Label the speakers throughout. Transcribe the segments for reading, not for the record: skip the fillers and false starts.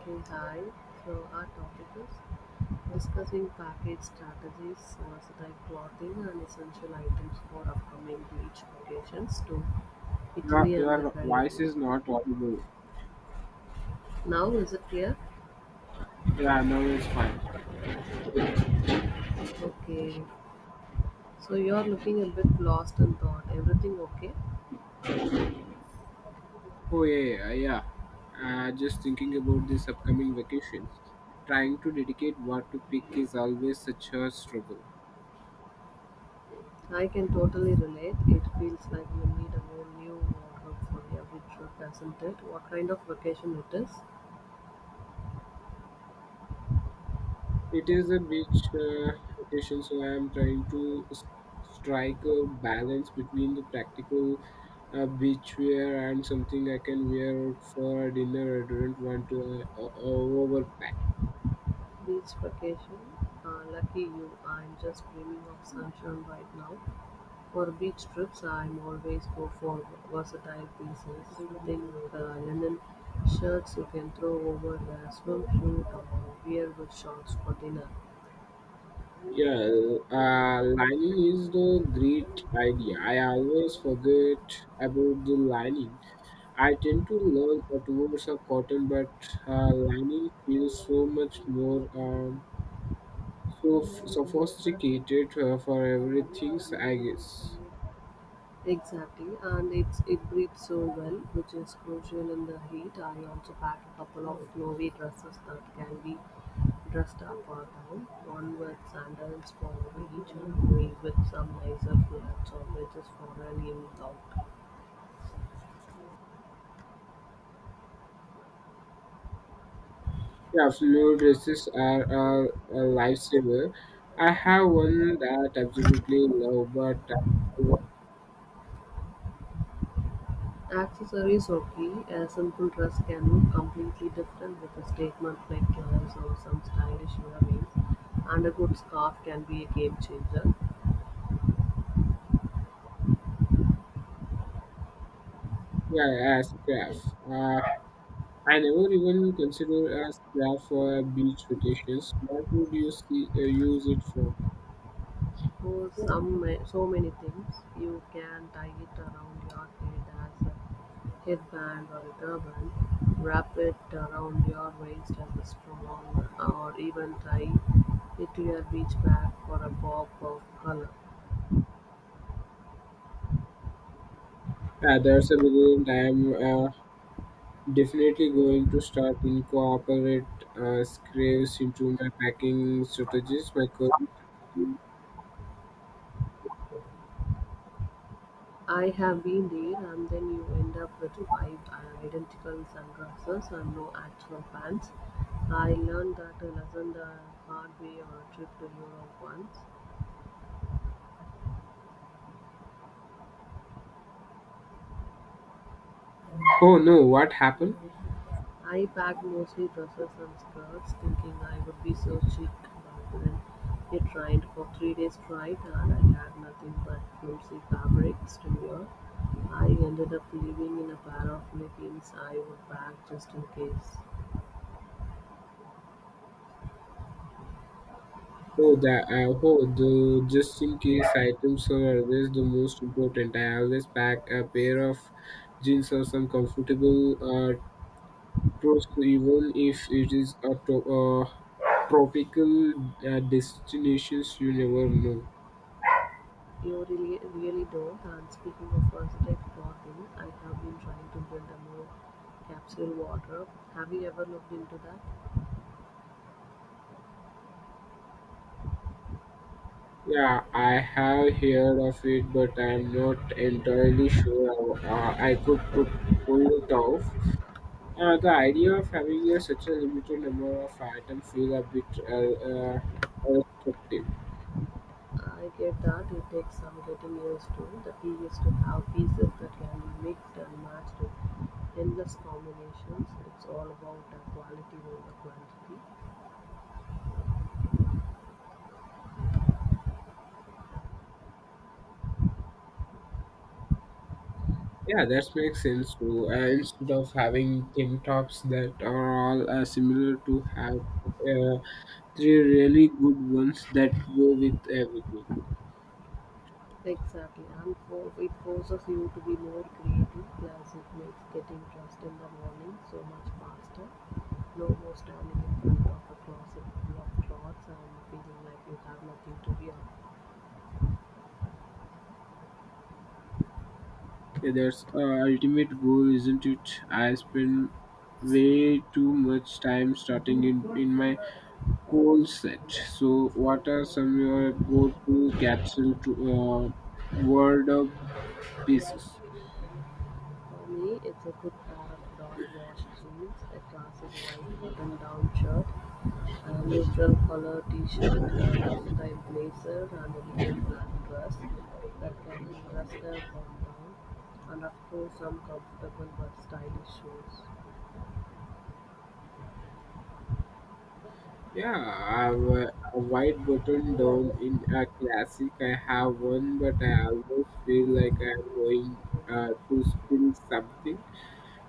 Speaker 1: Okay, hi. So our topic is discussing package strategies, versatile clothing, and essential items for upcoming beach vacations to
Speaker 2: Your
Speaker 1: Italy and the
Speaker 2: your voice
Speaker 1: Caribbean.
Speaker 2: is not audible.
Speaker 1: Now, is it clear?
Speaker 2: Yeah, now it's fine.
Speaker 1: Okay. So you are looking a bit lost in thought. Everything okay?
Speaker 2: Oh yeah, yeah, yeah. Just thinking about this upcoming vacations. Trying to dedicate what to pick is always such a struggle.
Speaker 1: I can totally relate. It feels like you need a whole new wardrobe for every trip, isn't it? What kind of vacation it is?
Speaker 2: It is a beach vacation, so I am trying to strike a balance between the practical beach wear and something I can wear out for dinner. I don't want to overpack.
Speaker 1: Beach vacation. Lucky you. I'm just dreaming of sunshine right now. For beach trips I am always go for versatile pieces. Think linen shirts you can throw over a swimsuit or wear with shorts for dinner.
Speaker 2: Yeah, lining is the great idea. I always forget about the lining. I tend to learn towards a cotton, but lining feels so much more sophisticated for everything, I guess.
Speaker 1: Exactly, and it breathes so well, which is crucial in the heat. I also pack a couple of snowy dresses that can be dressed up or down. One with sandals for the beach, and we with some nicer flats or wedges for an evening out.
Speaker 2: Yeah, floral dresses are a lifesaver. I have one that absolutely love, but
Speaker 1: Accessories or key: a simple dress can look completely different with a statement like colors or some stylish earrings, and a good scarf can be a game changer.
Speaker 2: yeah, as craft. I never even consider a scarf for a beach vacations. What would you see, use it for?
Speaker 1: For some, so many things, you can tie it around your head as a headband or a turban, wrap it around your waist as a strong, or even tie it to your beach bag for a pop of color.
Speaker 2: That's a brilliant. I'm definitely going to start incorporate scarves into my packing strategies. My
Speaker 1: I have been there and then you end up with five identical sunglasses and no actual pants. I learned that lesson the hard way on a trip to Europe once.
Speaker 2: oh no, what happened?
Speaker 1: I packed mostly dresses and skirts thinking I would be so chic but then it rained for 3 days straight and I had nothing but flimsy fabrics to wear. I ended up living in a pair of leggings I would pack just in case.
Speaker 2: Oh, that oh the just in case items are always the most important. I always pack a pair of jeans or some comfortable true, so even if it is a tropical destinations, you never know.
Speaker 1: You really, really don't. And speaking of versatile clothing, I have been trying to build a more capsule wardrobe. Have you ever looked into that?
Speaker 2: Yeah, I have heard of it, but I'm not entirely sure how I could pull it off. The idea of having such a limited number of items feel a bit restrictive.
Speaker 1: I get that it takes some getting used to. The key is to have pieces that can be mixed and matched with endless combinations. It's all about the quality over quantity.
Speaker 2: Yeah, that makes sense too. Instead of having tin tops that are all similar to have three really good ones that go with everything.
Speaker 1: Exactly, and for, it forces you to be more creative. Plus, it makes getting dressed in the morning so much faster. No more standing in front of a closet full of clothes and feeling like you have nothing to wear.
Speaker 2: Yeah, that's our ultimate goal, isn't it? I spend way too much time starting in my goal set. So, what are some of your go-to capsule word of pieces?
Speaker 1: For me, it's a good pair of dark wash jeans, a classic white button down shirt, a neutral color t shirt, a versatile blazer, and a little black dress that can be dressed up or down, and of course, some comfortable but stylish shoes.
Speaker 2: Yeah, I have a white button down in a classic. I have one, but I almost feel like I'm going to spill something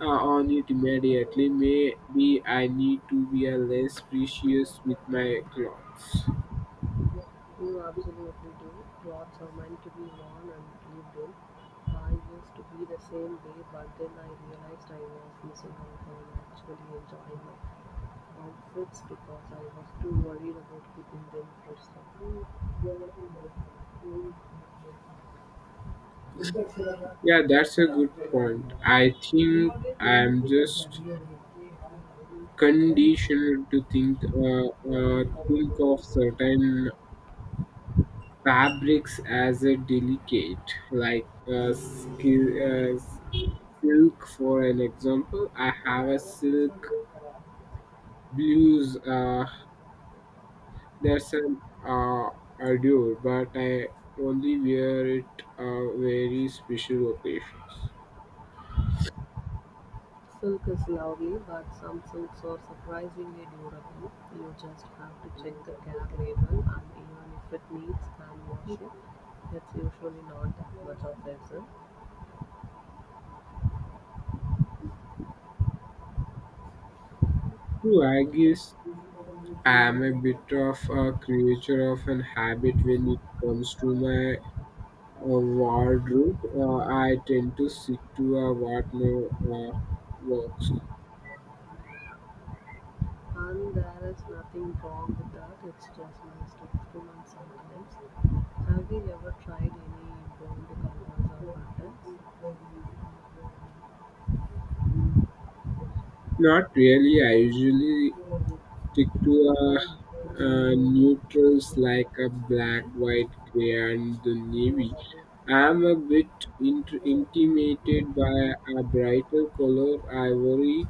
Speaker 2: on it immediately. Maybe I need to be a less precious with my clothes.
Speaker 1: You absolutely do. Clothes are so meant to be worn and lived in. I used to be the same way, but then I realized I was missing out on actually enjoying my outfits because I was too worried about keeping them personal.
Speaker 2: Yeah, that's a good point. I think I'm just conditioned to think of certain fabrics as a delicate, like silk. For an example, I have a silk blues. That's an allure, but I only wear it very special occasions.
Speaker 1: Silk is lovely, but some silks are surprisingly durable. You just have to check the care label, and even if it needs hand washing, it's usually not that much of effort.
Speaker 2: True, I guess I am a bit of a creature of an habit when it comes to my wardrobe. I tend to stick to what now works.
Speaker 1: And there is nothing wrong with that, it's just nice to experiment sometimes. Have you ever tried any bold colors or patterns?
Speaker 2: Not really. I usually stick to neutrals like a black, white, gray, and the navy. I'm a bit intimidated by a brighter color, ivory,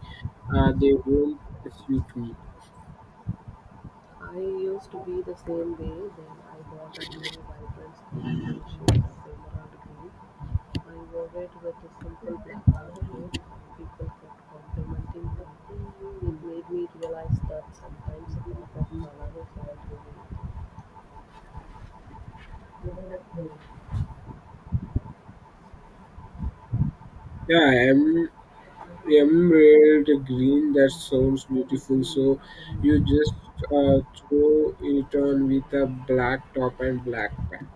Speaker 2: they won't suit me.
Speaker 1: I used to be the same way, then I bought a really vibrant scarf in a shade of emerald green. I wore it with a simple black outfit, and people kept complimenting me. It made me realize that sometimes a pop of color is all you need.
Speaker 2: Yeah, emerald green. That sounds beautiful. So you just throw it on with a black top and black pants.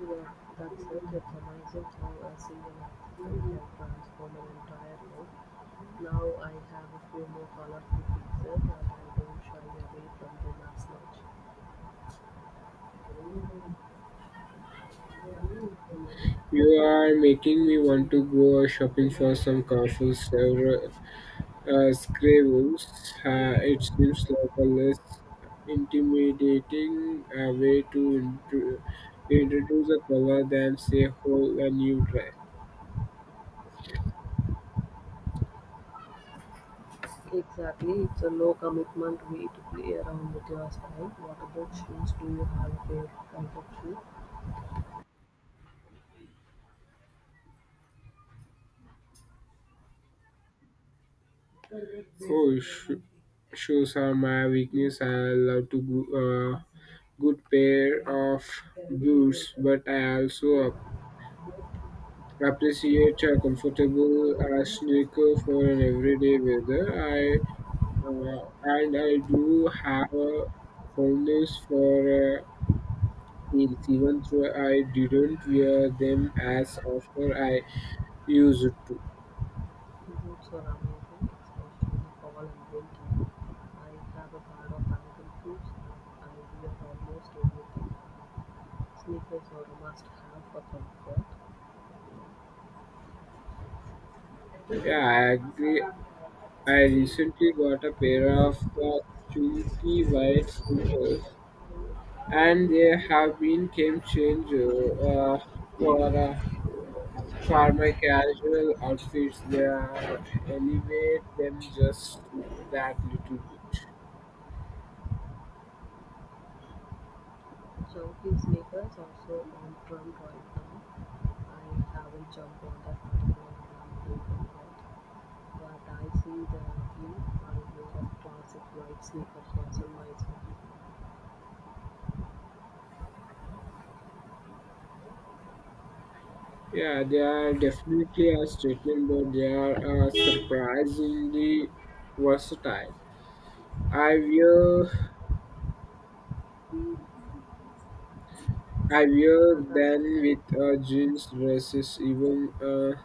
Speaker 1: Well, that circuits amazing how a single accessory can transform an entire look. Now I have a few more colorful pieces and I don't shy away from the mass much.
Speaker 2: You are making me want to go shopping for some colorful several Scraves, it seems like a less intimidating way to introduce a color than, say, whole a new dress.
Speaker 1: Exactly, it's a low commitment way to play around with your style. What about shoes? Do you have a favorite type of shoe?
Speaker 2: Oh, shoes are my weakness. I love to go, good pair of boots, but I also appreciate a comfortable sneaker for an everyday weather. I and I do have a fondness for heels, even though I didn't wear them as often I used to.
Speaker 1: Boots are amazing, especially fall and winter. I have a pair of ankle boots and I wear almost everything. Sneakers are a must have for comfort.
Speaker 2: Yeah, I agree. I recently got a pair of chunky white sneakers, and they have been game changer uh, for uh, for my casual outfits. They elevate them just that little bit.
Speaker 1: Chunky sneakers also on trend right now. I haven't jumped on that particular bandwagon yet, but I see the appeal. I'm more of classic white sneaker person myself.
Speaker 2: Yeah, they are definitely a statement, but they are surprisingly versatile. I wear I wear
Speaker 1: Yeah, that's
Speaker 2: them
Speaker 1: the,
Speaker 2: with jeans dresses, even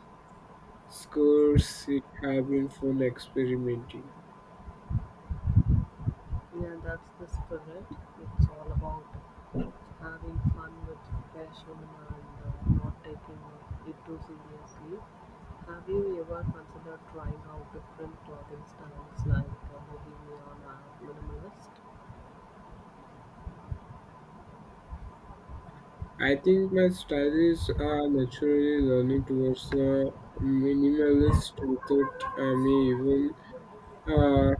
Speaker 2: skirts. It have been fun experimenting.
Speaker 1: yeah, that's the spirit. It's all about having fun with fashion and not taking it too seriously. Have you ever considered trying out different clothing styles like bohemian or minimalist?
Speaker 2: I think my style is naturally leaning towards minimalist without me even uh,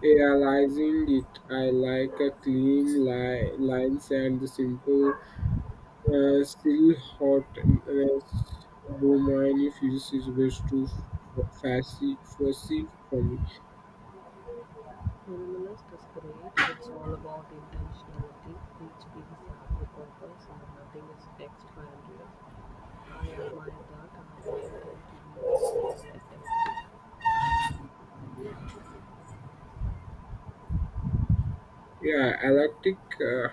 Speaker 2: realizing it. I like a clean lines and the simple. Still hot less though my new physics is way too fussy for me.
Speaker 1: Minimalist is great, it's all about intentionality, each piece has a purpose and nothing is extraneous. I admire that and I tend to be a bit more eclectic.
Speaker 2: Yeah, electric uh,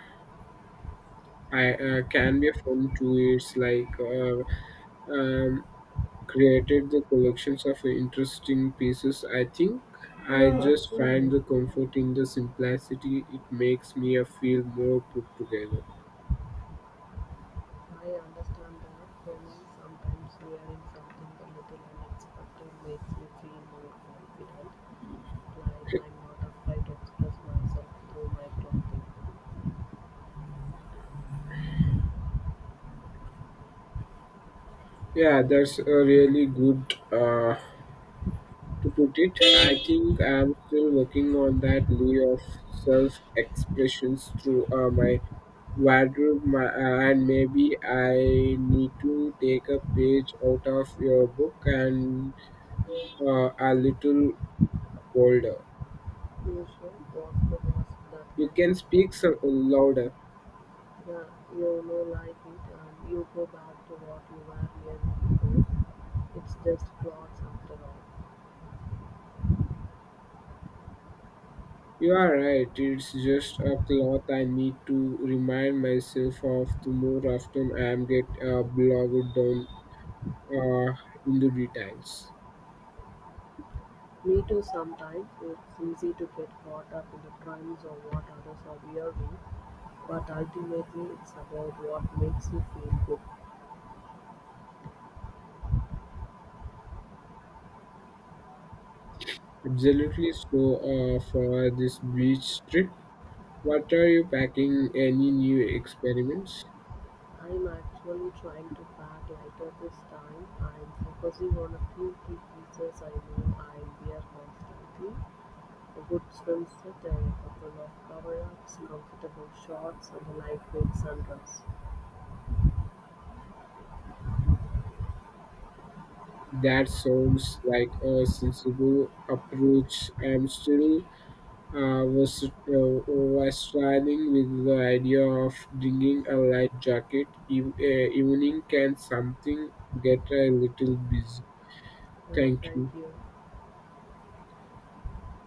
Speaker 2: I can be a fun too. It's like um, created the collections of interesting pieces. I think I just find the comfort in the simplicity. It makes me feel more put together.
Speaker 1: I understand that when sometimes wearing something a little unexpected makes me feel more confident, like I'm not afraid to express myself through my clothing.
Speaker 2: Yeah, that's a really good to put it, I think I'm still working on that layer of self expressions through my wardrobe, and maybe I need to take a page out of your book and a little bolder.
Speaker 1: You should walk the walls that
Speaker 2: You
Speaker 1: can
Speaker 2: can speak
Speaker 1: happen.
Speaker 2: louder.
Speaker 1: Yeah, you know, like it, you go back to what you were hearing before. It's just plots after all.
Speaker 2: You are right, it's just a cloth I need to remind myself of the more often I am get bogged down uh, in the details.
Speaker 1: Me too, sometimes it's easy to get caught up in the trends or what others are wearing, but ultimately it's about what makes you feel good.
Speaker 2: Absolutely. So, for this beach trip, what are you packing? Any new experiments?
Speaker 1: I'm actually trying to pack lighter this time. I'm focusing on a few key pieces I know I wear constantly. A good swimsuit and a couple of cover-ups, comfortable shorts and a lightweight sundress.
Speaker 2: That sounds like a sensible approach. I'm still uh, was uh, was struggling with the idea of bringing a light jacket. Evening can something get a little busy.
Speaker 1: No,
Speaker 2: Thank
Speaker 1: thank
Speaker 2: you.
Speaker 1: you.